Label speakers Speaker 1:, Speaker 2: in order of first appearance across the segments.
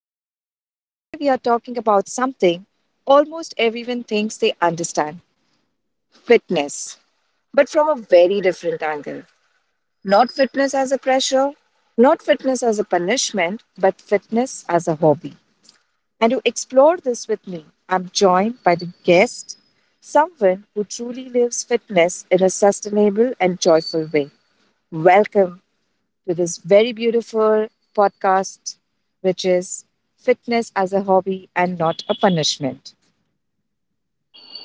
Speaker 1: host, and today we are talking about something almost everyone thinks they understand fitness, but from a very different angle. Not fitness as a pressure, not fitness as a punishment, but fitness as a hobby. And to explore this with me, I'm joined by the guest, someone who truly lives fitness in a sustainable and joyful way. Welcome, to this very beautiful podcast, which is Fitness as a Hobby and Not a Punishment.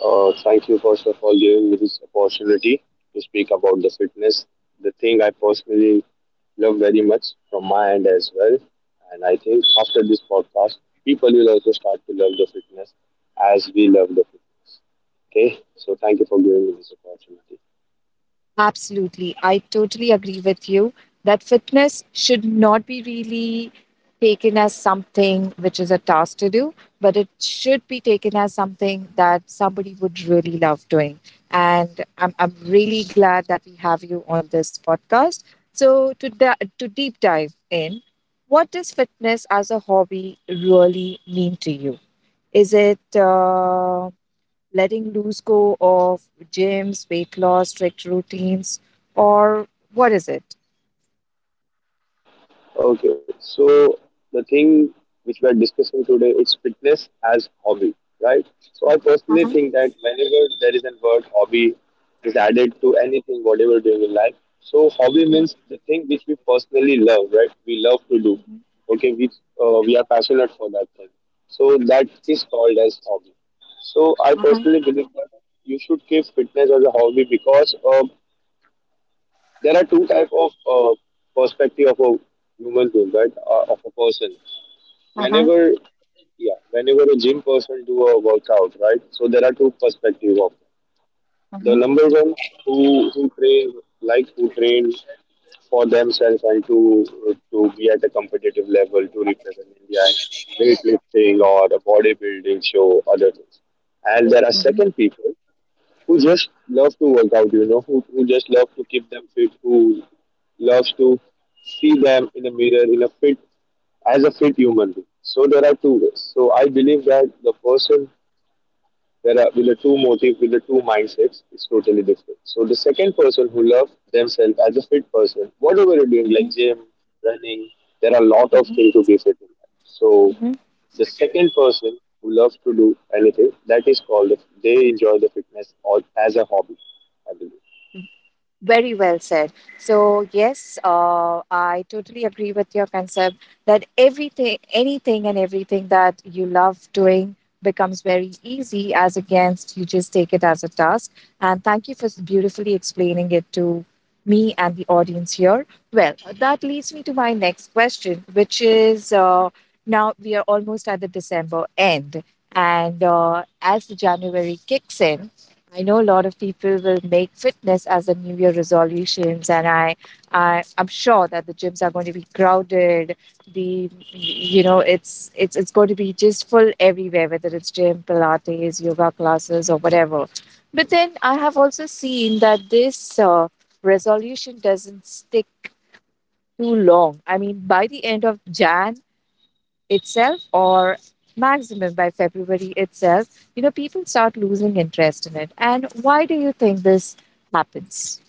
Speaker 2: Thank you, first of all, giving me this opportunity to speak about the fitness, the thing I personally love very much from my end as well. And I think after this podcast, people will also start to love the fitness as we love the fitness. Okay, so thank you for giving me this opportunity.
Speaker 1: Absolutely. I totally agree with you that fitness should not be really taken as something which is a task to do, but it should be taken as something that somebody would really love doing. And I'm really glad that we have you on this podcast. So, to deep dive in, what does fitness as a hobby really mean to you? Is it letting loose go of gyms, weight loss, strict routines, or what is it?
Speaker 2: Okay, so the thing which we are discussing today is fitness as hobby, right? So I personally think that whenever there is a word hobby is added to anything, whatever you're doing in life. So hobby means the thing which we personally love, right? We love to do. Okay, we are passionate for that thing. So that is called as hobby. So I
Speaker 1: Uh-huh.
Speaker 2: personally believe that you should keep fitness as a hobby because there are two type of perspective of a human being, right, of a person
Speaker 1: Uh-huh.
Speaker 2: whenever yeah whenever a gym person do a workout, right? So there are two perspective of the
Speaker 1: Uh-huh.
Speaker 2: number one, who train, like who train for themselves and to be at a competitive level to represent India in weightlifting or a bodybuilding show, other things. And there are
Speaker 1: Mm-hmm.
Speaker 2: second people who just love to work out, you know, who just love to keep them fit, who loves to see them in a mirror in a fit, as a fit human being. So there are two ways. So I believe that the person there are with the two motive, with the two mindsets is totally different. So the second person who loves themselves as a fit person, whatever you're doing,
Speaker 1: Mm-hmm.
Speaker 2: like gym, running, there are a lot of things to be fit in life. So
Speaker 1: Mm-hmm.
Speaker 2: the second person who loves to do anything, that is called the, they enjoy the fitness or as a hobby, I believe.
Speaker 1: Very well said. So yes, I totally agree with your concept that everything, anything and everything that you love doing becomes very easy as against you just take it as a task. And thank you for beautifully explaining it to me and the audience here. Well, that leads me to my next question, which is now we are almost at the December end. And as the January kicks in, I know a lot of people will make fitness as a New Year resolutions, and I I'm sure that the gyms are going to be crowded. The you know It's it's going to be just full everywhere, whether it's gym, Pilates, yoga classes, or whatever. But then I have also seen that this resolution doesn't stick too long. I mean, by the end of Jan, itself or maximum by February itself, people start losing interest in it. And why do you think this happens?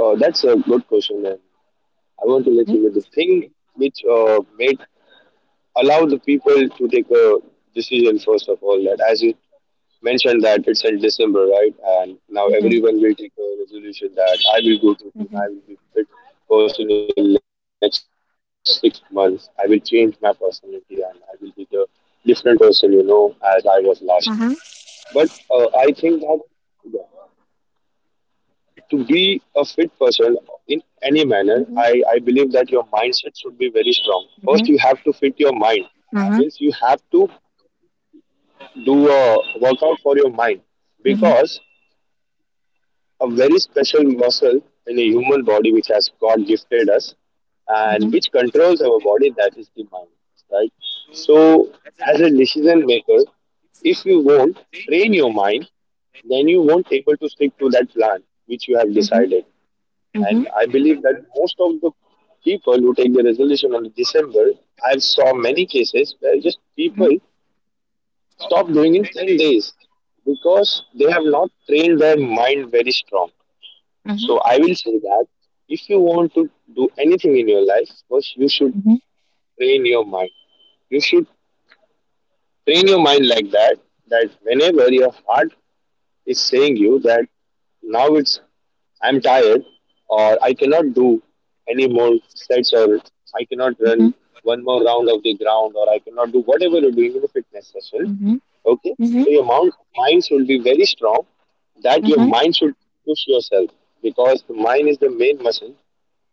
Speaker 2: That's a good question, and I want to let
Speaker 1: Mhm,
Speaker 2: you with the thing which made allow the people to take a decision, first of all, that as you mentioned that it's in December, right? And now
Speaker 1: mhm,
Speaker 2: everyone will take a resolution that I will go to gym, I
Speaker 1: mhm,
Speaker 2: will be fit person in next 6 months. I will change my personality and I will be the different person, you know, as I was last year. But
Speaker 1: mhm,
Speaker 2: I think that, yeah, to be a fit person in any manner, I
Speaker 1: mhm,
Speaker 2: believe that your mindset should be very strong. First, you have to
Speaker 1: mhm,
Speaker 2: fit your mind. Means you
Speaker 1: mhm,
Speaker 2: have to do a workout for your mind,
Speaker 1: mhm,
Speaker 2: because a very special muscle in a human body which has God gifted us and
Speaker 1: mhm,
Speaker 2: which controls our body, that is the mind, right? So, as a decision maker, if you won't train your mind, then you won't able to stick to that plan which you have
Speaker 1: mhm, mhm,
Speaker 2: decided.
Speaker 1: mhm, mhm,
Speaker 2: And I believe that most of the people who take the resolution on December, I saw many cases where just people stop doing in 10 days, because they have not trained their mind very strong.
Speaker 1: mhm,
Speaker 2: So I will say that if you want to do anything in your life, first you should train your mind. You should train your mind like that, that whenever your heart is saying you that now it's I'm tired, or I cannot do any more sets, or I cannot
Speaker 1: mhm,
Speaker 2: run one more round of the ground, or I cannot do whatever you're doing in a fitness session.
Speaker 1: mhm,
Speaker 2: Okay.
Speaker 1: mhm,
Speaker 2: So your mind should be very strong, that your
Speaker 1: mhm,
Speaker 2: mind should push yourself, because the mind is the main muscle,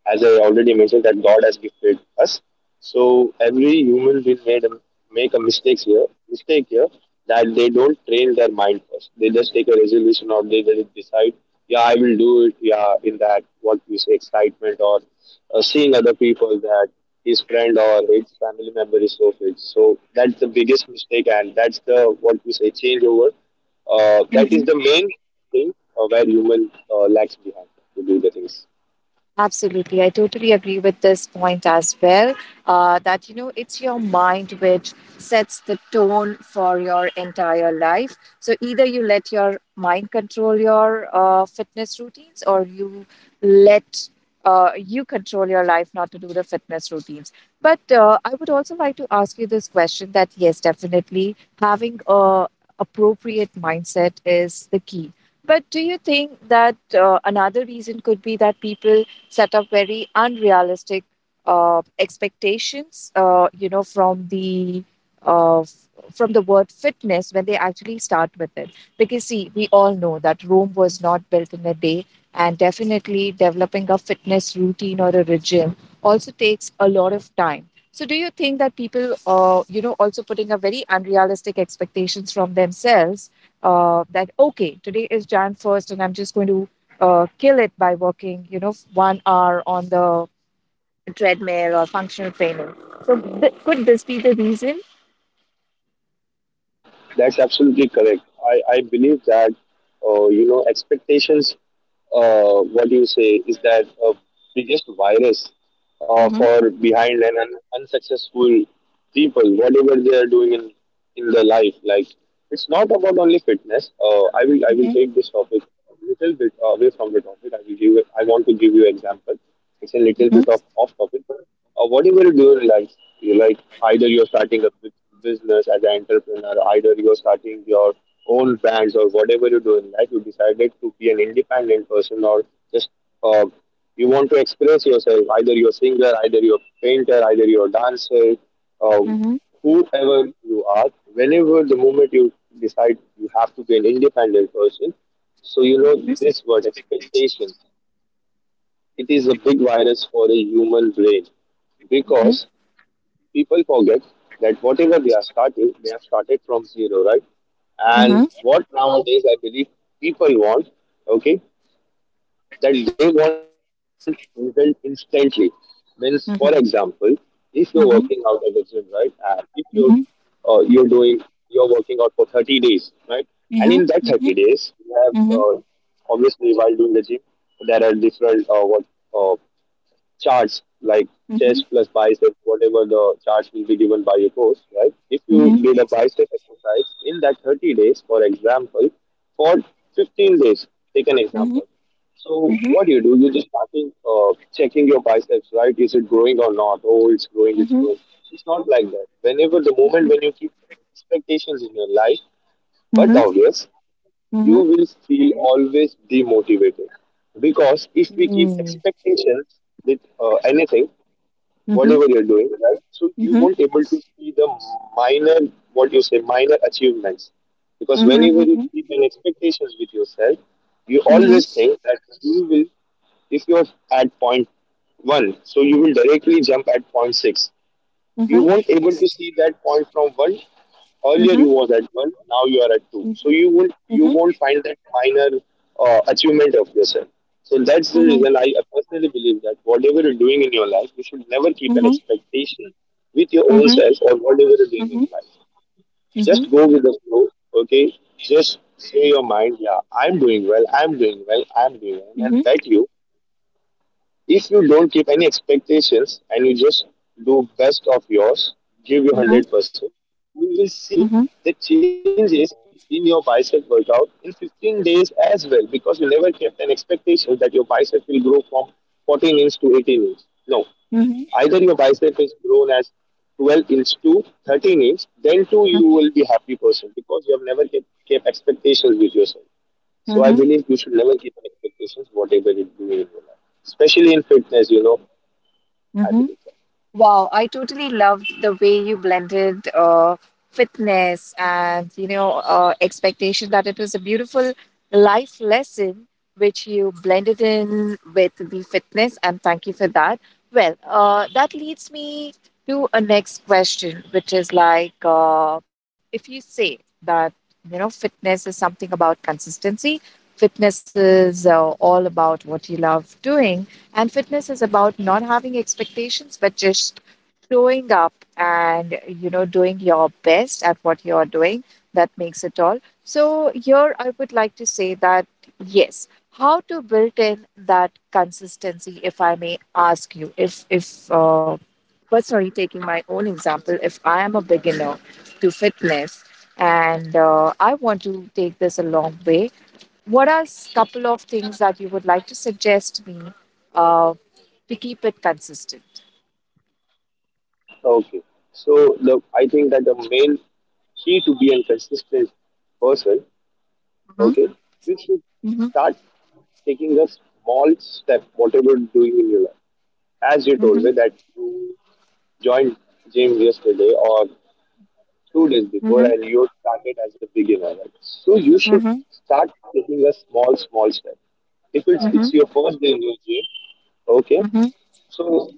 Speaker 2: as I already mentioned, that God has gifted us. So every human will make a mistakes here, mistake here, that they don't train their mind first. They just take a resolution or they just decide, yeah, I will do it. Yeah, in that, what we say, excitement, or seeing other people that his friend or his family member is so fit. So that's the biggest mistake, and that's the what we say changeover. That is
Speaker 1: mhm.
Speaker 2: the main thing where human lags behind to do the things.
Speaker 1: Absolutely. I totally agree with this point as well. That, it's your mind which sets the tone for your entire life. So either you let your mind control your fitness routines or you let you control your life not to do the fitness routines. But I would also like to ask you this question that, yes, definitely having a appropriate mindset is the key. But do you think that another reason could be that people set up very unrealistic expectations, from the uh, f- from the word fitness when they actually start with it. Because see, we all know that Rome was not built in a day, and definitely developing a fitness routine or a regime also takes a lot of time. So, do you think that people, also putting a very unrealistic expectations from themselves that okay, today is Jan 1st, and I'm just going to kill it by working, 1 hour on the treadmill or functional trainer. So could this be the reason?
Speaker 2: That's absolutely correct. I believe that, you know, expectations, what you say is that biggest virus
Speaker 1: Mm-hmm.
Speaker 2: for behind and unsuccessful people, whatever they are doing in their life. Like, it's not about only fitness. I will
Speaker 1: Mm-hmm.
Speaker 2: take this topic a little bit away from the topic. I want to give you example. It's a little
Speaker 1: Mm-hmm.
Speaker 2: bit of off topic, but whatever you do in life, you like either you're starting a business as an entrepreneur, either you're starting your own brands, or whatever you do in life, you decided to be an independent person, or just uh, you want to express yourself. Either you're a singer, either you're a painter, either you're a dancer. Uh,
Speaker 1: Mm-hmm.
Speaker 2: whoever you are, whenever the moment you decide you have to be an independent person, so you know
Speaker 1: Mm-hmm.
Speaker 2: this word expectations, it is a big virus for a human brain, because people forget that whatever they are starting, they have started from zero, right? And
Speaker 1: Mm-hmm.
Speaker 2: what nowadays I believe people want, okay, that they want result instantly. Means, for example,
Speaker 1: Mm-hmm.
Speaker 2: if you're working out at the
Speaker 1: Mm-hmm.
Speaker 2: gym, right, and if you're
Speaker 1: Mm-hmm.
Speaker 2: you're doing you're working out for 30 days, right, and in that
Speaker 1: Mm-hmm. Mm-hmm.
Speaker 2: 30 days, you have
Speaker 1: Mm-hmm.
Speaker 2: obviously while doing the gym, there are different what uh, charts like
Speaker 1: Mm-hmm.
Speaker 2: chest plus bicep, whatever the charts will be given by your coach, right? If you
Speaker 1: Mm-hmm.
Speaker 2: did a bicep exercise in that 30 days, for example, for 15 days, take an
Speaker 1: Mm-hmm.
Speaker 2: example. So what you do, you just starting checking your biceps, right? Is it growing or not? Oh, it's growing, it's
Speaker 1: Mm-hmm.
Speaker 2: growing. It's not like that. Whenever the moment when you keep expectations in your life, but
Speaker 1: Mm-hmm.
Speaker 2: obvious, you
Speaker 1: Mm-hmm.
Speaker 2: will feel always demotivated, because if we keep
Speaker 1: Mm.
Speaker 2: expectations with anything,
Speaker 1: Mhm,
Speaker 2: whatever you're doing, right? So
Speaker 1: mhm,
Speaker 2: you
Speaker 1: mhm,
Speaker 2: won't able to see the minor, what you say, minor achievements. Because
Speaker 1: mhm,
Speaker 2: whenever you
Speaker 1: mhm,
Speaker 2: keep an expectations with yourself, you
Speaker 1: mhm,
Speaker 2: always think that you will, if you're at point one, so you will directly jump at point six.
Speaker 1: mhm,
Speaker 2: You
Speaker 1: mhm,
Speaker 2: won't able to see that point from one,
Speaker 1: mhm,
Speaker 2: earlier
Speaker 1: mhm,
Speaker 2: you was at one, now you are at two, so you
Speaker 1: mhm, mhm,
Speaker 2: won't find that minor achievement of yourself. So that's
Speaker 1: mhm,
Speaker 2: the
Speaker 1: mhm,
Speaker 2: reason I personally believe that whatever you're doing in your life, you should never keep an expectation with your own self. Or whatever you're doing in life, just go with the flow, okay? Just say your mind, yeah, I'm doing well, I'm doing well, I'm doing well. And I bet you, if you don't keep any expectations and you just do best of yours, give your 100%, you will
Speaker 1: mhm,
Speaker 2: see
Speaker 1: mhm,
Speaker 2: the changes in your bicep workout in 15 days as well, because you never kept an expectation that your bicep will grow from 14 inch to 18 inch. No,
Speaker 1: mhm, mhm,
Speaker 2: either your bicep is grown as 12 inch to 13 inch, then too you
Speaker 1: mhm.
Speaker 2: will be happy person, because you have never kept expectations with yourself. So I
Speaker 1: Mm-hmm.
Speaker 2: believe you should never keep an expectations whatever you do in your life, especially in fitness. You know, I
Speaker 1: Mm-hmm.
Speaker 2: believe so.
Speaker 1: Wow, I totally loved the way you blended fitness and expectation that it was a beautiful life lesson which you blended in with the fitness, and thank you for that. Well, that leads me to a next question, which is like if you say that you know fitness is something about consistency, fitness is all about what you love doing. And fitness is about not having expectations, but just showing up and you know doing your best at what you are doing, that makes it all. So here I would like to say that, yes, how to build in that consistency, if I may ask you, if personally taking my own example, if I am a beginner to fitness and I want to take this a long way, what are couple of things that you would like to suggest me uh, to keep it consistent?
Speaker 2: Okay. So the I think that the main key to be a consistent person,
Speaker 1: Mm-hmm,
Speaker 2: okay, you should
Speaker 1: mm-hmm,
Speaker 2: start taking a small step, whatever you're doing in your life. As you told
Speaker 1: mm-hmm,
Speaker 2: me that you joined gym yesterday or 2 days before and you started as a beginner, right? So you
Speaker 1: mm-hmm,
Speaker 2: should
Speaker 1: mm-hmm,
Speaker 2: start taking a small, small step. If
Speaker 1: mm-hmm,
Speaker 2: it's your first day in your gym, okay.
Speaker 1: mm-hmm,
Speaker 2: So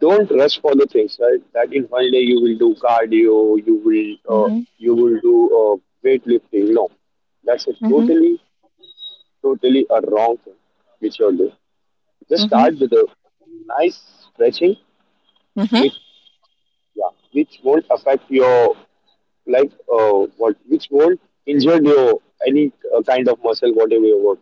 Speaker 2: don't rush for the things, right, that in one day you will do cardio, you will uh,
Speaker 1: mm-hmm,
Speaker 2: you will do weightlifting, no, that's a
Speaker 1: mm-hmm,
Speaker 2: totally a wrong thing which you're doing. Just
Speaker 1: mm-hmm,
Speaker 2: start with a nice stretching
Speaker 1: mm-hmm,
Speaker 2: which, yeah which won't affect your, like what which won't injure your any kind of muscle whatever you work.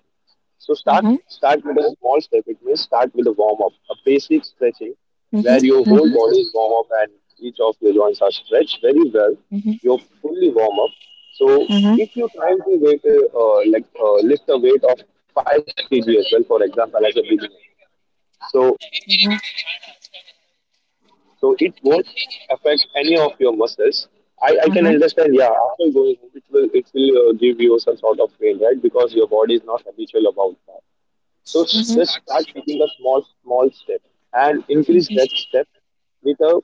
Speaker 2: So
Speaker 1: mm-hmm,
Speaker 2: start with a small step. It means start with a warm up, a basic stretching
Speaker 1: mm-hmm, mm-hmm,
Speaker 2: where your whole body is warm up and each of your joints are stretched very well.
Speaker 1: mm-hmm,
Speaker 2: You're fully warm up. So
Speaker 1: mm-hmm,
Speaker 2: if you're trying to weight, like lift a weight of 5 kg as well, for example, as a beginner, so
Speaker 1: mm-hmm,
Speaker 2: so it won't affect any of your muscles. I can
Speaker 1: mm-hmm,
Speaker 2: understand, yeah, after going home, it will give you some sort of pain, right? Because your body is not habitual about that. So
Speaker 1: mm-hmm.
Speaker 2: just start taking a small, small step and increase that step with a,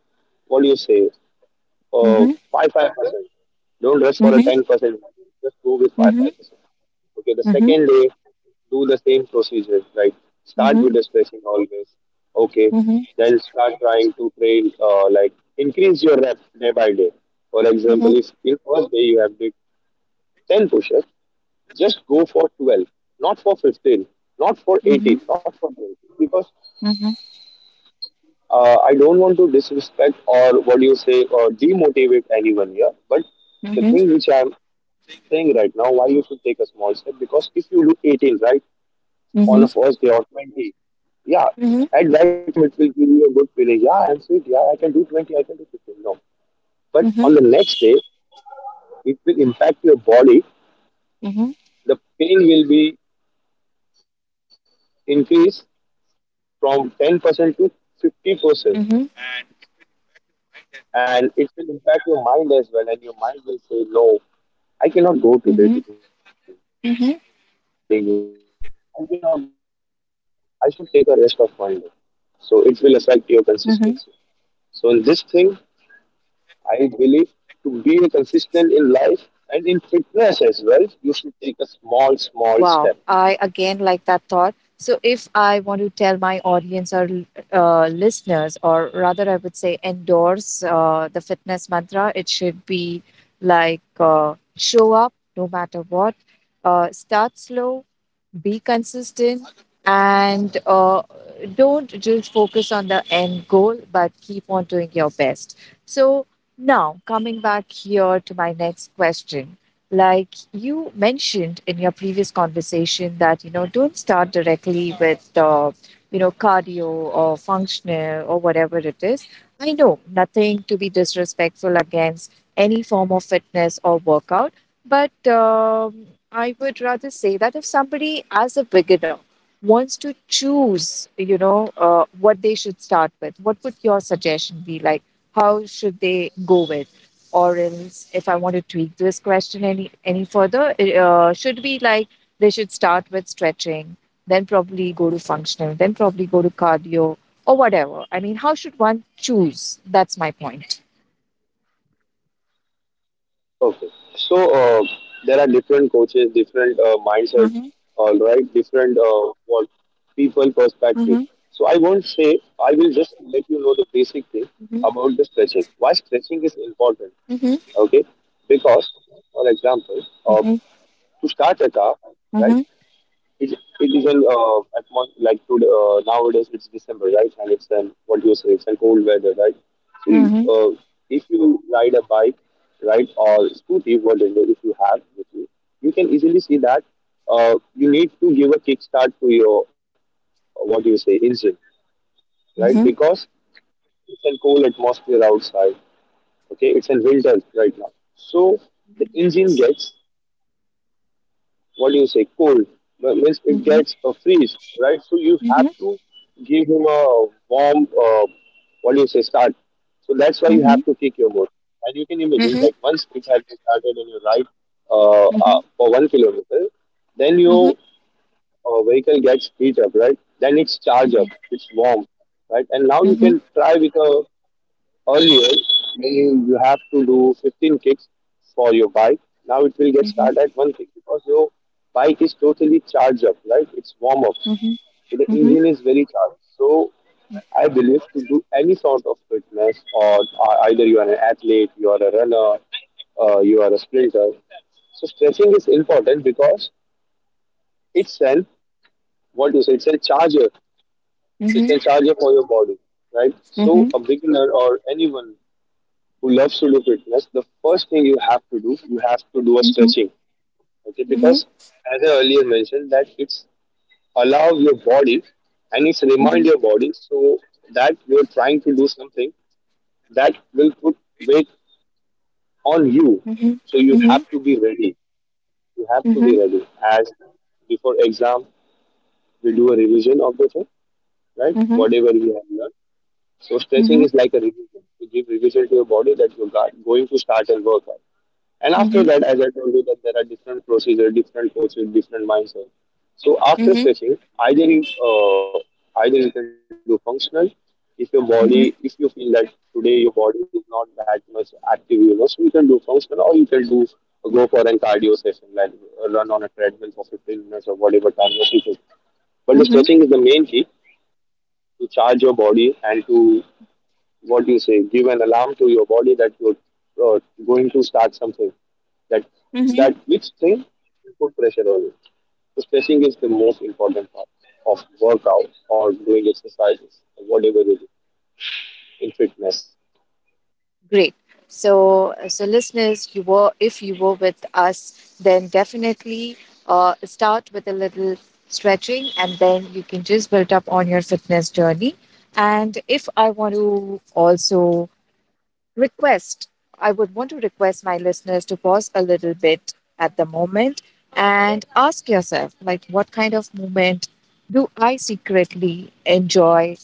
Speaker 2: what do you say,
Speaker 1: Mhm,
Speaker 2: 5 5%. Don't rush for a
Speaker 1: mhm,
Speaker 2: 10%. Just go with 5
Speaker 1: mhm,
Speaker 2: 5%. Okay, the
Speaker 1: mhm,
Speaker 2: second day, do the same procedure. Like start
Speaker 1: mhm,
Speaker 2: with the stretching always. Okay,
Speaker 1: mhm, mhm,
Speaker 2: then start trying to train. Like increase your rep day by day. For example,
Speaker 1: mhm,
Speaker 2: if in first day you have did ten push-ups, just go for 12, not for 15, not for
Speaker 1: mhm,
Speaker 2: 18, not for 20. Because
Speaker 1: mhm,
Speaker 2: I don't want to disrespect or what do you say or demotivate anyone here, but the
Speaker 1: mhm,
Speaker 2: thing which I'm saying right now, why you should take a small step, because if you do 18, right, on the
Speaker 1: mhm,
Speaker 2: first day or 20, yeah,
Speaker 1: mhm,
Speaker 2: at that time it will give you a good feeling. Yeah, I'm sweet, yeah, I can do 20, I can do 15. No, but on
Speaker 1: mhm,
Speaker 2: the next day it will impact your body. The pain will be increase from 10% to 50%.
Speaker 1: mhm,
Speaker 2: And it will impact your mind as well. And your mind will say, no, I cannot go today
Speaker 1: mhm,
Speaker 2: to the gym. My body
Speaker 1: mhm,
Speaker 2: is failing, I cannot do now. I should take a rest of one day. So it will affect your consistency.
Speaker 1: mhm.
Speaker 2: So in this thing, I believe, to be consistent in life and in fitness as well, you should take a small, small step.
Speaker 1: Wow, I again like that thought. So, if I want to tell my audience or listeners, or rather, I would say endorse the fitness mantra, it should be like show up no matter what, start slow, be consistent, and don't just focus on the end goal but keep on doing your best. So now coming back here to my next question, like you mentioned in your previous conversation that you know don't start directly with cardio or functional or whatever it is. I know nothing to be disrespectful against any form of fitness or workout, but I would rather say that if somebody, as a beginner, wants to choose, what they should start with, what would your suggestion be? Like, how should they go with? Or else, if I want to tweak this question any further, it should be like they should start with stretching, then probably go to functional, then probably go to cardio or whatever. I mean, how should one choose? That's my point.
Speaker 2: Okay. So uh, there are different coaches, different mindsets,
Speaker 1: Mm-hmm.
Speaker 2: all right, different what people perspective.
Speaker 1: Mm-hmm.
Speaker 2: So I won't say. I will just let you know the basic thing
Speaker 1: Mm-hmm.
Speaker 2: about the stretching. Why stretching is important?
Speaker 1: Mm-hmm.
Speaker 2: Okay, because, for example, uh, to start a car, right?
Speaker 1: Mm-hmm.
Speaker 2: It, it is an atmos- like to, nowadays it's December, right? And it's an what do you say? It's an cold weather, right? See,
Speaker 1: mm-hmm,
Speaker 2: if you ride a bike, right, or scooty, whatever, if you have with you, you can easily see that you need to give a kickstart to your what do you say, engine, right?
Speaker 1: Mhm,
Speaker 2: Because it's a cold atmosphere outside. Okay, it's in winter right now, so the engine gets, what do you say, cold. But means it
Speaker 1: mhm,
Speaker 2: gets a freeze, right? So you
Speaker 1: mhm,
Speaker 2: have to give him a warm, what do you say, start. So that's why you
Speaker 1: mhm,
Speaker 2: have to kick your motor. And you can imagine,
Speaker 1: mhm,
Speaker 2: like, once it has been started and you ride
Speaker 1: mhm,
Speaker 2: for 1 kilometer, then
Speaker 1: mhm,
Speaker 2: your vehicle gets heat up, right? Then it's charged up,
Speaker 1: mhm,
Speaker 2: it's warm, right? And now
Speaker 1: mhm,
Speaker 2: you
Speaker 1: mhm,
Speaker 2: can try with a. Earlier, when you have to do 15 kicks for your bike, now it will get
Speaker 1: mhm,
Speaker 2: started at one kick, because your bike is totally charged up, right? It's warm up.
Speaker 1: mhm,
Speaker 2: So the
Speaker 1: mhm, mhm,
Speaker 2: engine is very charged. So I believe, to do any sort of fitness, or either you are an athlete, you are a runner, you are a sprinter. So stretching is important because, itself, what you say, it's a charger.
Speaker 1: mhm,
Speaker 2: It's
Speaker 1: mhm,
Speaker 2: a charger for your body, right?
Speaker 1: mhm,
Speaker 2: So
Speaker 1: mhm,
Speaker 2: a beginner or anyone who loves to do fitness, the first thing you have to do, you have to do a
Speaker 1: mhm,
Speaker 2: stretching. Okay,
Speaker 1: mhm, mhm,
Speaker 2: because, as I earlier mentioned, that it's allow your body and it's remind
Speaker 1: mhm,
Speaker 2: your body, so that you're trying to do something that will put weight on you. So
Speaker 1: mhm,
Speaker 2: you have to be ready. You have to be ready. As before exam, we do a revision of the thing, right?
Speaker 1: mhm,
Speaker 2: Whatever we have learned. So stretching is like a revision. You give revision to your body that you're going to start and work out. And after
Speaker 1: mhm,
Speaker 2: that, as I told you, that there are different procedures, different coaches, different mindset. So after stretching, either you can do functional. If your body, if you feel that today your body is not that much active, you know, so you can do functional, or you can do, go for an cardio session, like run on a treadmill for 15 minutes or whatever time you feel. But the
Speaker 1: mhm,
Speaker 2: stretching is the main key to charge your body and to, what do you say, give an alarm to your body that you're uh, going to start something. That
Speaker 1: mhm.
Speaker 2: that which thing put pressure on you. So stretching is the most important part of workout or doing exercises, or whatever it is, in fitness.
Speaker 1: Great. So, listeners, you were if you were with us, then definitely start with a little stretching, and then you can just build up on your fitness journey. And if I want to also request, I would want to request my listeners to pause a little bit at the moment and ask yourself, like, what kind of movement do I secretly enjoy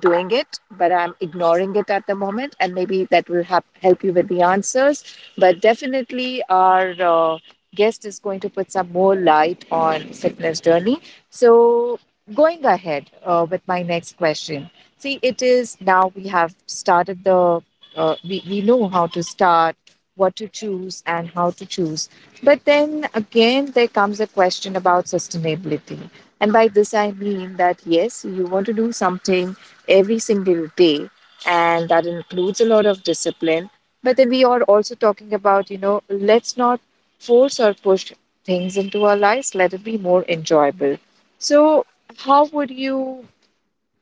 Speaker 1: doing it, but I'm ignoring it at the moment? And maybe that will hap help you with the answers. But definitely, our guest is going to put some more light on fitness journey. So, going ahead with my next question. See, it is now we have started the we know how to start, what to choose, and how to choose. But then again, there comes a question about sustainability. And by this, I mean that, yes, you want to do something every single day, and that includes a lot of discipline. But then we are also talking about, you know, let's not force or push things into our lives, let it be more enjoyable. So, how would you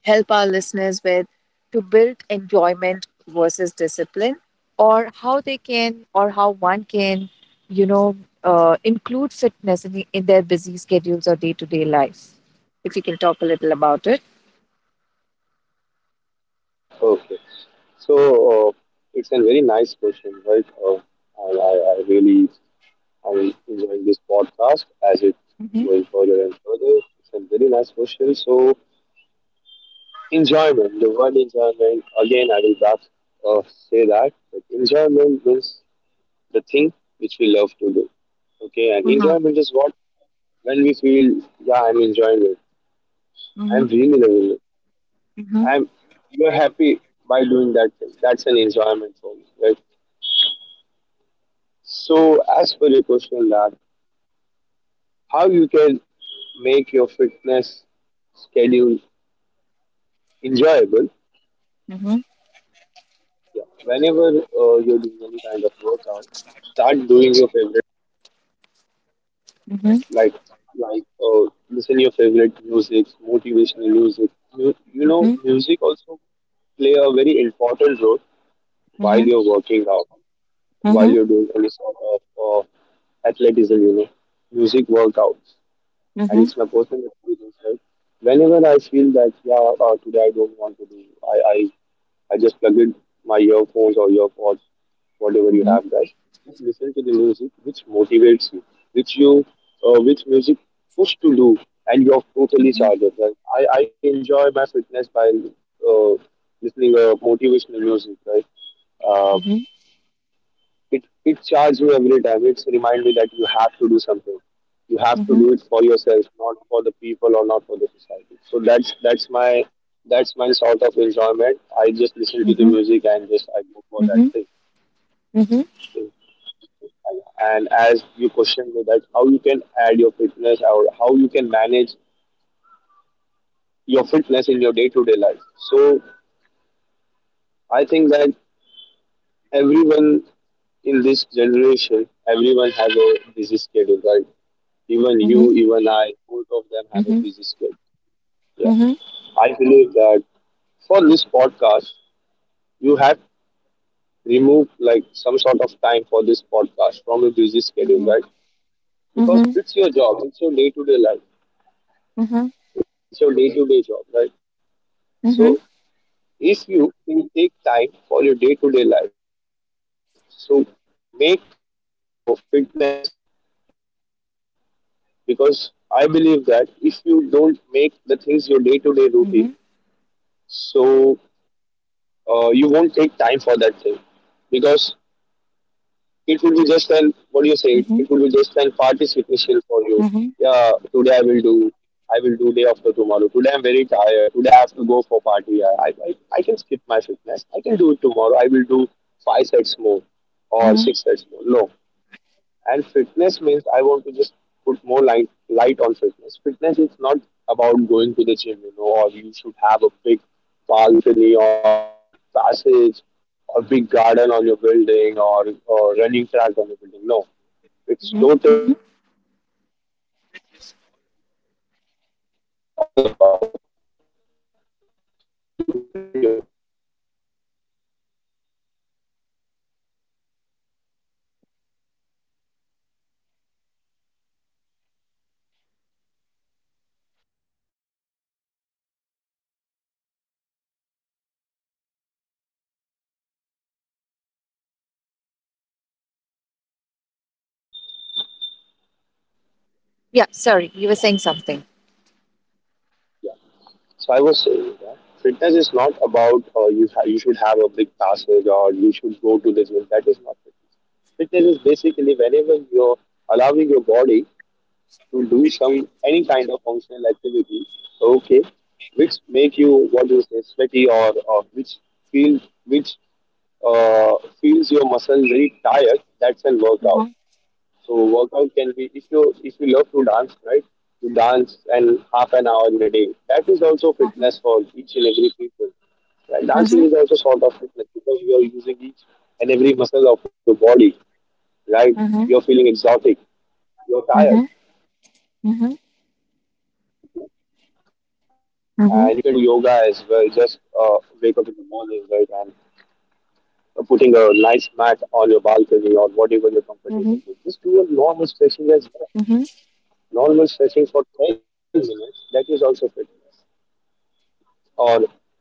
Speaker 1: help our listeners with to build enjoyment versus discipline, or how they can, or how one can you know include fitness in, in their busy schedules or day-to-day life, if you can talk a little about it?
Speaker 2: Okay, so uh, it's a very nice question, right? I, I, I really am enjoying this podcast as it's going further and further. It's a very nice question. So, enjoyment. The word enjoyment, again, I will back, uh, say that. But enjoyment means the thing which we love to do. Okay, and
Speaker 1: Mm-hmm.
Speaker 2: enjoyment is what? When we feel, yeah, I'm enjoying it. I'm
Speaker 1: Mm-hmm.
Speaker 2: really loving it.
Speaker 1: Mm-hmm.
Speaker 2: I'm You're happy by doing that thing. That's an enjoyment for me, right? So, as per your question, that how you can make your fitness schedule enjoyable. Yeah. Whenever you're doing any kind of workout, start doing your favorite.
Speaker 1: Mm-hmm.
Speaker 2: like like listen your favorite music, motivational music. You
Speaker 1: Mm-hmm.
Speaker 2: know,
Speaker 1: Mm-hmm.
Speaker 2: music also play a very important role while you're working out, while
Speaker 1: Mm-hmm.
Speaker 2: you're doing any sort of athleticism. You know, music workouts, and
Speaker 1: Mm-hmm.
Speaker 2: it's my personal experience. Right? Whenever I feel that, yeah, today I don't want to do, I just plug in my earphones or earpods, whatever you
Speaker 1: Mm-hmm. Mm-hmm.
Speaker 2: have, guys. Just listen to the music which motivates you, which music push to do, and you're totally
Speaker 1: Mm-hmm.
Speaker 2: charged up. Right? I enjoy my fitness by uh, listening motivational music, right? Uh, it charges me every time. It's remind me that you have to do something. You have to
Speaker 1: Mm-hmm. Mm-hmm.
Speaker 2: do it for yourself, not for the people or not for the society. So that's my sort of enjoyment. I just listen
Speaker 1: Mm-hmm.
Speaker 2: to the
Speaker 1: Mm-hmm.
Speaker 2: music and just I go for that
Speaker 1: Mm-hmm. Mm-hmm.
Speaker 2: thing. And as you questioned me that how you can add your fitness or how you can manage your fitness in your day to day life. So I think that everyone in this generation, everyone has a busy schedule, right? Even
Speaker 1: Mm-hmm.
Speaker 2: you, even I, both of them
Speaker 1: Mm-hmm.
Speaker 2: have
Speaker 1: Mm-hmm.
Speaker 2: a
Speaker 1: Mm-hmm.
Speaker 2: busy schedule. Yeah.
Speaker 1: Mm-hmm.
Speaker 2: I believe that, for this podcast, you have removed like some sort of time for this podcast from a busy schedule,
Speaker 1: Mm-hmm.
Speaker 2: right? Because
Speaker 1: Mm-hmm.
Speaker 2: it's your job, it's your day to day life, it's your day to day job, right? So
Speaker 1: Mm-hmm.
Speaker 2: if you can take time for your day to day life, so make your fitness your day to day routine, because I believe that if you don't make the things your day to day routine, so you won't take time for that thing, because it will be just an, what do you say, it will be
Speaker 1: Mm-hmm.
Speaker 2: just an participation for you. Yeah, today I will do, I will do day after tomorrow, today I'm very tired, today I have to go for party, I can skip my fitness, I can do it tomorrow, I will do five sets more or
Speaker 1: Mm-hmm.
Speaker 2: six sets more. No. And fitness means, I want to just put more light on fitness. Fitness is not about going to the gym, you know, or you should have a big balcony or a big passage or big garden on your building, or running track on your building. No, it's
Speaker 1: Mm-hmm.
Speaker 2: totally wrong concept. Fitness is all about how you train your body. For example, if you're dancing, basically on a simple music as well, it is also fitness for us, because our body, because our body is.
Speaker 1: Yeah, sorry, you were saying something.
Speaker 2: Yeah. So I was saying that fitness is not about you you should have a big passage or you should go to the gym. That is not fitness. Fitness is basically whenever you're allowing your body to do some any kind of functional activity, okay, which make you, what do you say, sweaty, or which feel, which uh, feels your muscle very tired. That's a workout.
Speaker 1: Mhm,
Speaker 2: So workout can be, if you, if you love to dance, right? You dance and half an hour in a day. That is also
Speaker 1: mhm,
Speaker 2: fitness for each and every people. Right? Dancing
Speaker 1: mhm,
Speaker 2: is also sort of fitness, because you are using each and every muscle of your body, right?
Speaker 1: mhm,
Speaker 2: You're feeling exotic,
Speaker 1: mhm,
Speaker 2: you're tired,
Speaker 1: mhm,
Speaker 2: and that's a fitness. And you
Speaker 1: mhm,
Speaker 2: can do yoga as well. Just wake up in the morning, right, and putting a nice mat on your balcony or whatever you're
Speaker 1: mhm,
Speaker 2: comfortable with. Just do a normal stretching as well,
Speaker 1: mhm,
Speaker 2: normal stretching for 10 minutes, that is also fitness. Or, just,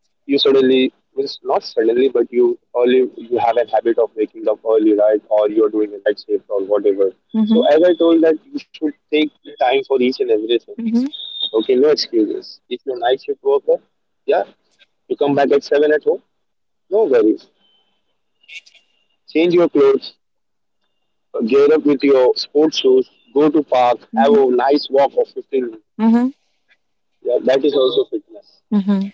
Speaker 2: you suddenly, well, not suddenly, but you early, you have a habit of waking up early, right? Or you're doing a night shift or whatever.
Speaker 1: mhm,
Speaker 2: So as I told that you should take the time for each and everything.
Speaker 1: mhm,
Speaker 2: Okay, no excuses. If you're a night shift worker, yeah, you come back at 7 at home, no worries. Change your clothes, gear up with your sports shoes, go to park, have a nice walk of 15 minutes.
Speaker 1: mhm, mhm,
Speaker 2: Yeah, that is also fitness,
Speaker 1: mhm,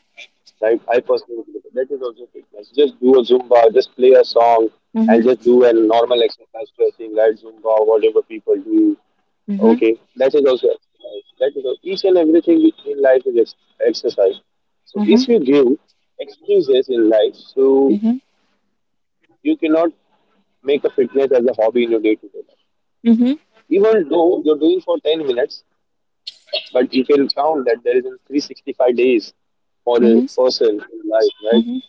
Speaker 2: right? I personally believe that is also fitness. Just do a Zumba, just play a song, and
Speaker 1: mhm,
Speaker 2: just do a normal exercise stretching, right? Zumba, whatever people do.
Speaker 1: mhm, mhm, mhm,
Speaker 2: Okay, that is also exercise. That is also, each and everything in life is ex- exercise. So
Speaker 1: mhm,
Speaker 2: if you give excuses in life, so
Speaker 1: mhm,
Speaker 2: you cannot make a fitness as a hobby in your day-to-day life.
Speaker 1: mhm, mhm, mhm, mhm, mhm, mhm,
Speaker 2: Even though you're doing for 10 minutes, but you can count that there is in 365 days for
Speaker 1: mhm,
Speaker 2: a
Speaker 1: mhm,
Speaker 2: person in life, right?
Speaker 1: mhm,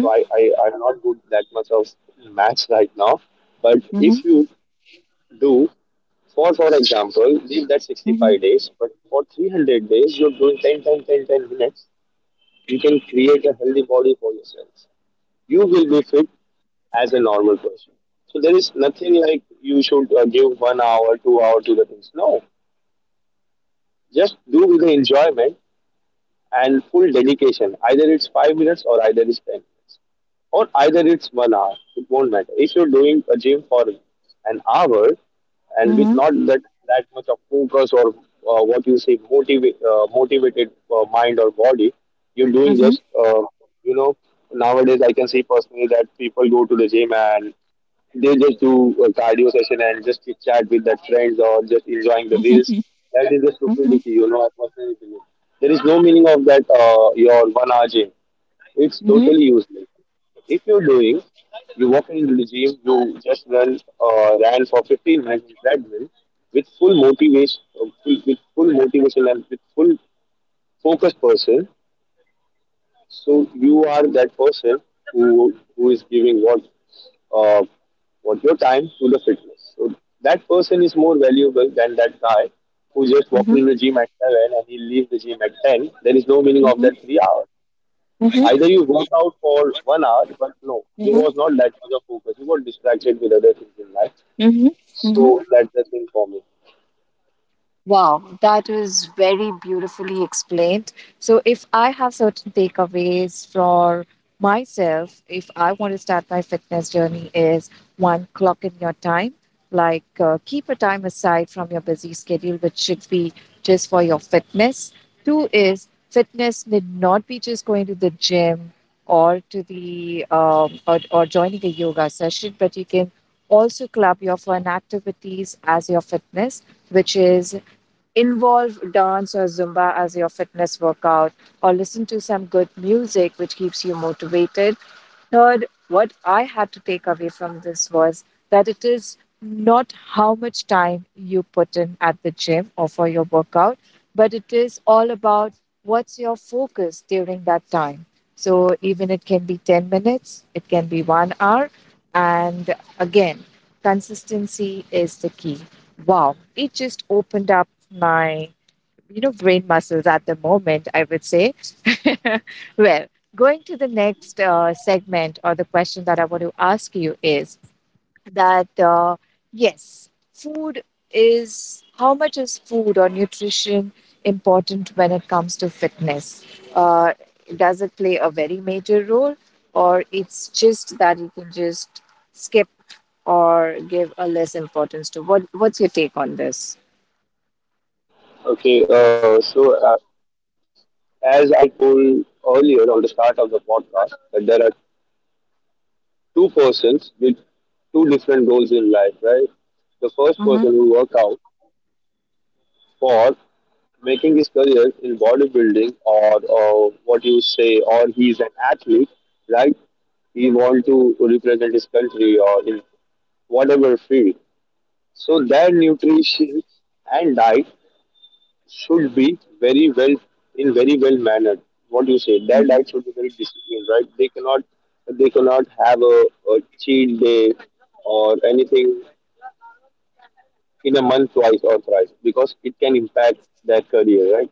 Speaker 2: So I, I, I'm not good that much of maths right now. But
Speaker 1: mhm,
Speaker 2: if you do, for example, leave that
Speaker 1: mhm,
Speaker 2: 65 days, but for 300 days, you're doing 10 minutes, you can create a healthy body for yourself. You will be fit as a normal person. So there is nothing like you should give 1 hour, 2 hour to the things. No, just do with the enjoyment and full dedication. Either it's 5 minutes or either it's 10 minutes or either it's 1 hour. It won't matter. If you're doing a gym for an hour and with not that much of focus or what you say, motivated mind or body, you're doing just, you know, nowadays I can see personally that people go to the gym and they just do a cardio session and just chit chat with their friends or just enjoying the reels. That is the stupidity, you know. I personally believe there is no meaning of that. Your 1 hour gym, it's totally useless. If you're doing, you walk into the gym, you just ran for 15 minutes with treadmill with full motivation, with full motivation and with full focus person. So you are that person who is giving uh, what your time to the fitness. So that person is more valuable than that guy who just walking
Speaker 1: mhm,
Speaker 2: in the gym at seven and he leaves the gym at ten. There is no meaning of that 3 hours. Either you work out for 1 hour, but no, you
Speaker 1: mhm,
Speaker 2: was not that much of focus. You got distracted with other things in life.
Speaker 1: mhm, mhm.
Speaker 2: So that's the thing for me.
Speaker 1: Wow, that was very beautifully explained. So, if I have certain takeaways for myself, if I want to start my fitness journey, is one, clock in your time, like keep a time aside from your busy schedule, which should be just for your fitness. Two is fitness need not be just going to the gym or to the or joining a yoga session, but you can also club your fun activities as your fitness, which is involve dance or Zumba as your fitness workout, or listen to some good music which keeps you motivated. Third, what I had to take away from this was that it is not how much time you put in at the gym or for your workout, but it is all about what's your focus during that time. So even it can be 10 minutes, it can be 1 hour. And again, consistency is the key. Wow, it just opened up my, brain muscles at the moment, I would say. Well, going to the next segment or the question that I want to ask you is that yes, food is how much is food or nutrition important when it comes to fitness? Uh, does it play a very major role, or it's just that you can just skip or give a less importance to? What What's your take on this?
Speaker 2: Okay, so as I told earlier on the start of the podcast, that there are two persons with two different goals in life, right? The first
Speaker 1: Mm-hmm.
Speaker 2: person who work out for making his career in bodybuilding, or what you say, or he is an athlete, right? He want to represent his country or in whatever field. So their nutrition and diet should be very well, in very well mannered. What do you say? Their
Speaker 1: Mm-hmm.
Speaker 2: diet should be very disciplined, right? They cannot have a cheat day or anything in a month twice or thrice because it can impact their career, right?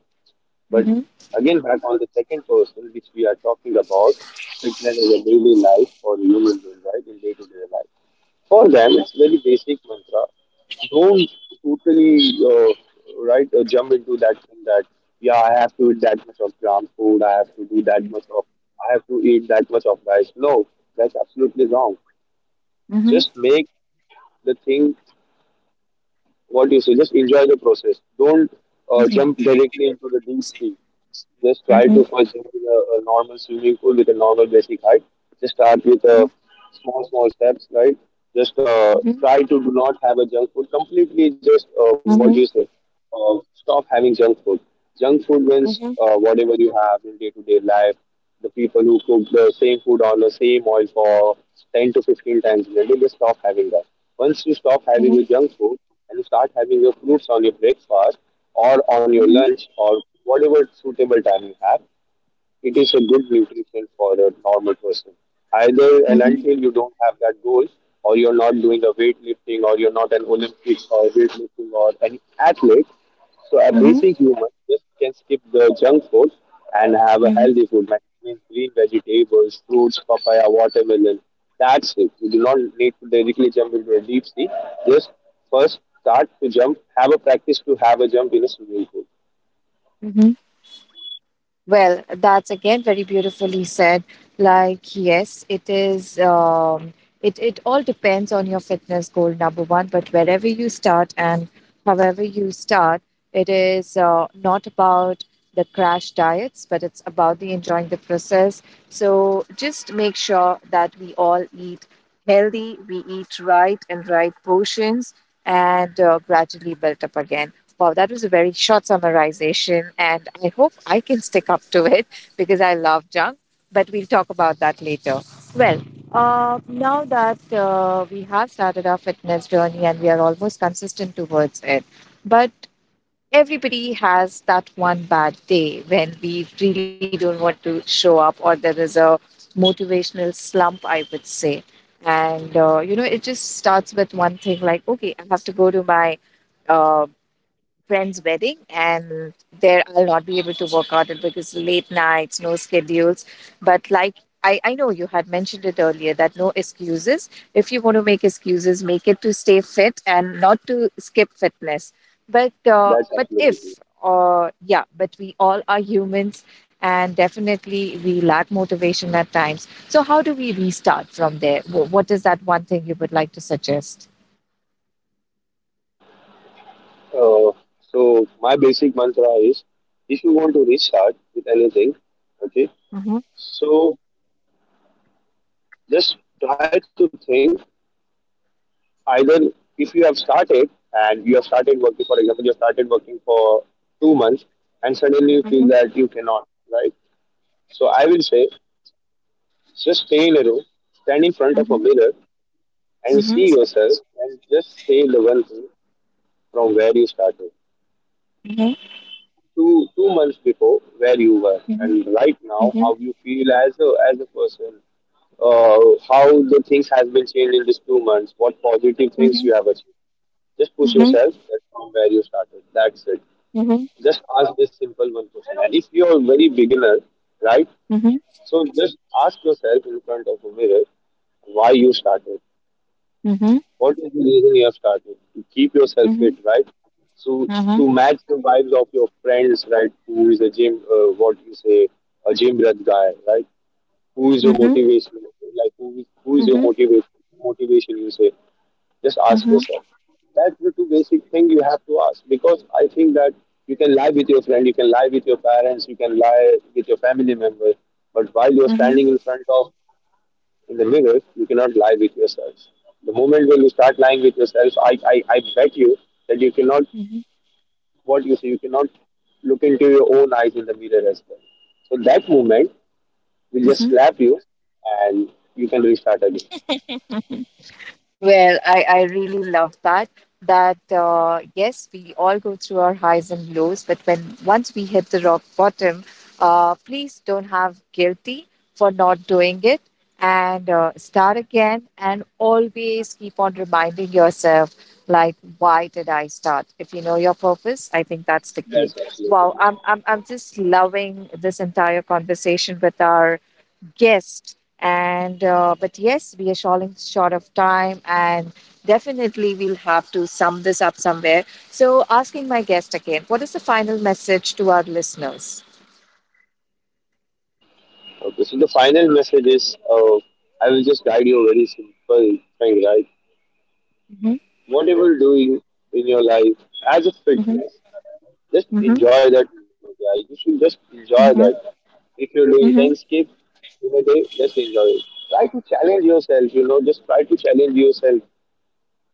Speaker 2: But
Speaker 1: Mm-hmm.
Speaker 2: again, back on the second person which we are talking about, fitness is a daily life for human being, right? In day to day life. For them, it's very basic mantra. Don't totally right jump into that thing that yeah, I have to eat that much of gram food. I have to do that much of. I have to eat that much of rice. No, that's absolutely wrong.
Speaker 1: Mm-hmm.
Speaker 2: Just make the thing, what do you say? Just enjoy the process. Don't jump
Speaker 1: Mm-hmm.
Speaker 2: directly into the deep sea. Just try to
Speaker 1: Mm-hmm.
Speaker 2: first jump in a normal swimming pool with a normal basic height. Just start with
Speaker 1: Mm-hmm.
Speaker 2: small steps, right? Just
Speaker 1: Mm-hmm.
Speaker 2: try to do not have a junk food. Completely just, what do you
Speaker 1: Mm-hmm.
Speaker 2: say? Stop having junk food. Junk food means
Speaker 1: Mm-hmm.
Speaker 2: whatever you have in day to day life, the people who cook the same food on the same oil for 10 to 15 times in a day, they stop having that. Once you stop having
Speaker 1: Mm-hmm.
Speaker 2: your junk food and you start having your fruits on your breakfast or on your lunch or whatever suitable time you have, it is a good nutrition for a normal person. Either and
Speaker 1: Mm-hmm.
Speaker 2: until you don't have that goal, or you're not doing a weightlifting, or you're not an Olympic or weightlifting or any athlete, so a basic human just can skip the junk food and have a
Speaker 1: Mm-hmm.
Speaker 2: healthy food. That means green vegetables, fruits, papaya, watermelon. That's it. You do not need to directly jump into a deep sea. Just first start to jump. Have a practice to have a jump in a swimming pool.
Speaker 1: Mm-hmm. Well, that's again very beautifully said. Like, yes, it is. It it all depends on your fitness goal, number one. But wherever you start and however you start, it is not about the crash diets, but it's about the enjoying the process. So just make sure that we all eat healthy, we eat right and right portions, and gradually build up again. Wow, that was a very short summarization, and I hope I can stick up to it because I love junk, but we'll talk about that later. Well, now that we have started our fitness journey and we are almost consistent towards it, but everybody has that one bad day when we really don't want to show up, or there is a motivational slump, I would say. And, it just starts with one thing like, okay, I have to go to my. Uh, Friend's wedding, and there I'll not be able to work out it because late nights, no schedules. But like I know you had mentioned it earlier that no excuses. If you want to make excuses, make it to stay fit and not to skip fitness.
Speaker 2: That's
Speaker 1: But
Speaker 2: absolutely it.
Speaker 1: if or yeah, but we all are humans, and definitely we lack motivation at times. So how do we restart from there? What is that one thing you would like to suggest?
Speaker 2: Uh, so my basic mantra is, if you want to restart with anything, okay,
Speaker 1: Mm-hmm,
Speaker 2: so just try to think either if you have started and you have started working, for example, you have started working for 2 months and suddenly you feel
Speaker 1: mm-hmm,
Speaker 2: that you cannot, right? So I will say just stay in a room, stand in front of a
Speaker 1: mm-hmm,
Speaker 2: mirror and see yourself and just say the one thing from where you started.
Speaker 1: mm-hmm,
Speaker 2: Two months before where you were
Speaker 1: mm-hmm,
Speaker 2: and right now how you feel as a person, uh, how the things has been changed in these 2 months, what positive things
Speaker 1: Mhm,
Speaker 2: you have achieved. Just push
Speaker 1: mhm,
Speaker 2: yourself that from where you started, that's it.
Speaker 1: mhm,
Speaker 2: Just ask this simple one question. And if you are very beginner, right,
Speaker 1: mhm,
Speaker 2: so just ask yourself in front of a mirror why you started.
Speaker 1: mhm, mhm,
Speaker 2: What is the reason you have started? To keep yourself fit,
Speaker 1: mhm,
Speaker 2: right? So
Speaker 1: mhm,
Speaker 2: to match the vibes of your friends, right? Who is a gym, what you say, a gym rat guy, right? Who is your
Speaker 1: mhm,
Speaker 2: motivation? Like who is your
Speaker 1: mhm,
Speaker 2: motivation? Motivation, you say. Just ask yourself. That's the two basic thing you have to ask, because I think that you can lie with your friend, you can lie with your parents, you can lie with your family member, but while you're
Speaker 1: mhm,
Speaker 2: standing in front of, in the mirror, you cannot lie with yourselves. The moment when you start lying with yourself, I bet you that you cannot,
Speaker 1: mhm,
Speaker 2: what you say, you cannot look into your own eyes in the mirror as well. So that moment will just
Speaker 1: mhm.
Speaker 2: slap you and you can restart again.
Speaker 1: Well, I really love that. That yes, we all go through our highs and lows, but when once we hit the rock bottom, please don't have guilty for not doing it and start again. And always keep on reminding yourself, like, why did I start? If you know your purpose, I think that's the key.
Speaker 2: That's absolutely
Speaker 1: Wow, I'm just loving this entire conversation with our Yes, and but yes, we are falling short of time, and definitely we'll have to sum this up somewhere. So, asking my guest again, what is the final message to our listeners?
Speaker 2: okay. So the final message is, I will just guide you a very simple thing, right?
Speaker 1: Mhm,
Speaker 2: Whatever doing in your life as a
Speaker 1: mhm,
Speaker 2: fitness, just
Speaker 1: mhm,
Speaker 2: enjoy that moment. Yeah, you should just enjoy that.
Speaker 1: mhm,
Speaker 2: If you're doing 10
Speaker 1: mhm,
Speaker 2: skips in a day, just enjoy it. Try to challenge yourself, you know, just try to challenge yourself.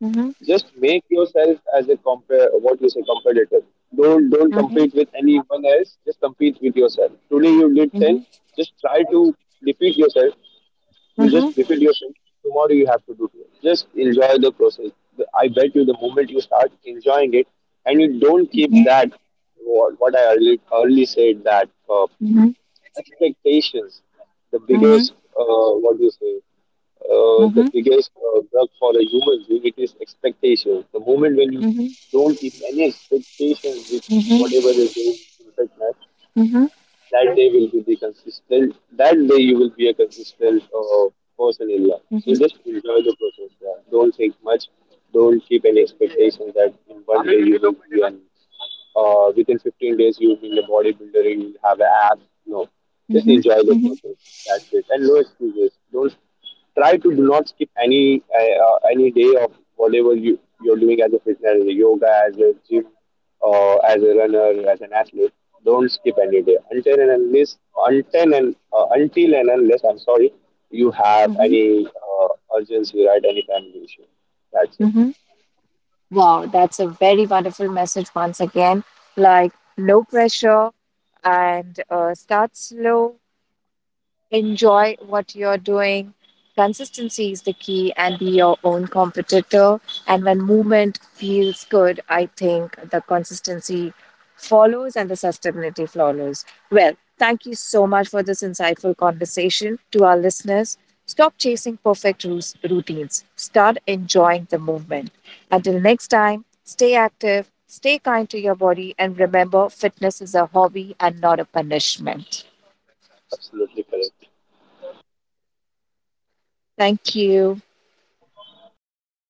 Speaker 1: mhm,
Speaker 2: Just make yourself as a compare, what you say, competitor. Don't
Speaker 1: mhm,
Speaker 2: compete with anyone else, just compete with yourself. Today you did 10,
Speaker 1: mhm,
Speaker 2: just try to defeat yourself, you just
Speaker 1: mhm,
Speaker 2: repeat yourself. Tomorrow you have to do it. Just enjoy the process. I bet you the moment you start enjoying it, and you don't keep that, what I early said that
Speaker 1: mhm, mhm,
Speaker 2: expectations, the
Speaker 1: mhm,
Speaker 2: biggest what do you say,
Speaker 1: mhm, mhm,
Speaker 2: the
Speaker 1: mhm,
Speaker 2: biggest drug for a human being it is expectations. The moment when you
Speaker 1: mhm,
Speaker 2: don't keep any expectations with whatever is doing in fitness,
Speaker 1: mhm,
Speaker 2: that day will be the consistent, that day you will be a consistent person in life. So just enjoy the process, yeah. Don't think much, don't keep any expectation that in one day you will be an within 15 days you will be a bodybuilder, you will have an app. No, just
Speaker 1: mhm,
Speaker 2: enjoy the
Speaker 1: mhm,
Speaker 2: process. That's it. And no excuses. Don't try to do not skip any day of whatever you're doing as a fitness, as a yoga, as a gym, as a runner, as an athlete. Don't skip any day until and unless, until and unless, I'm sorry, you have
Speaker 1: mhm,
Speaker 2: any urgency, right? Any family issue. That's
Speaker 1: mhm,
Speaker 2: it.
Speaker 1: mhm. Wow, that's a very wonderful message once again. Like, no pressure and start slow, enjoy what you're doing. Consistency is the key and be your own competitor. And when movement feels good, I think the consistency follows and the sustainability follows. Well, thank you so much for this insightful conversation. To our listeners, stop chasing perfect routines, start enjoying the movement. Until next time, stay active, stay kind to your body, and remember fitness is a hobby and not a punishment.
Speaker 2: That's absolutely correct.
Speaker 1: Thank you.
Speaker 2: You're most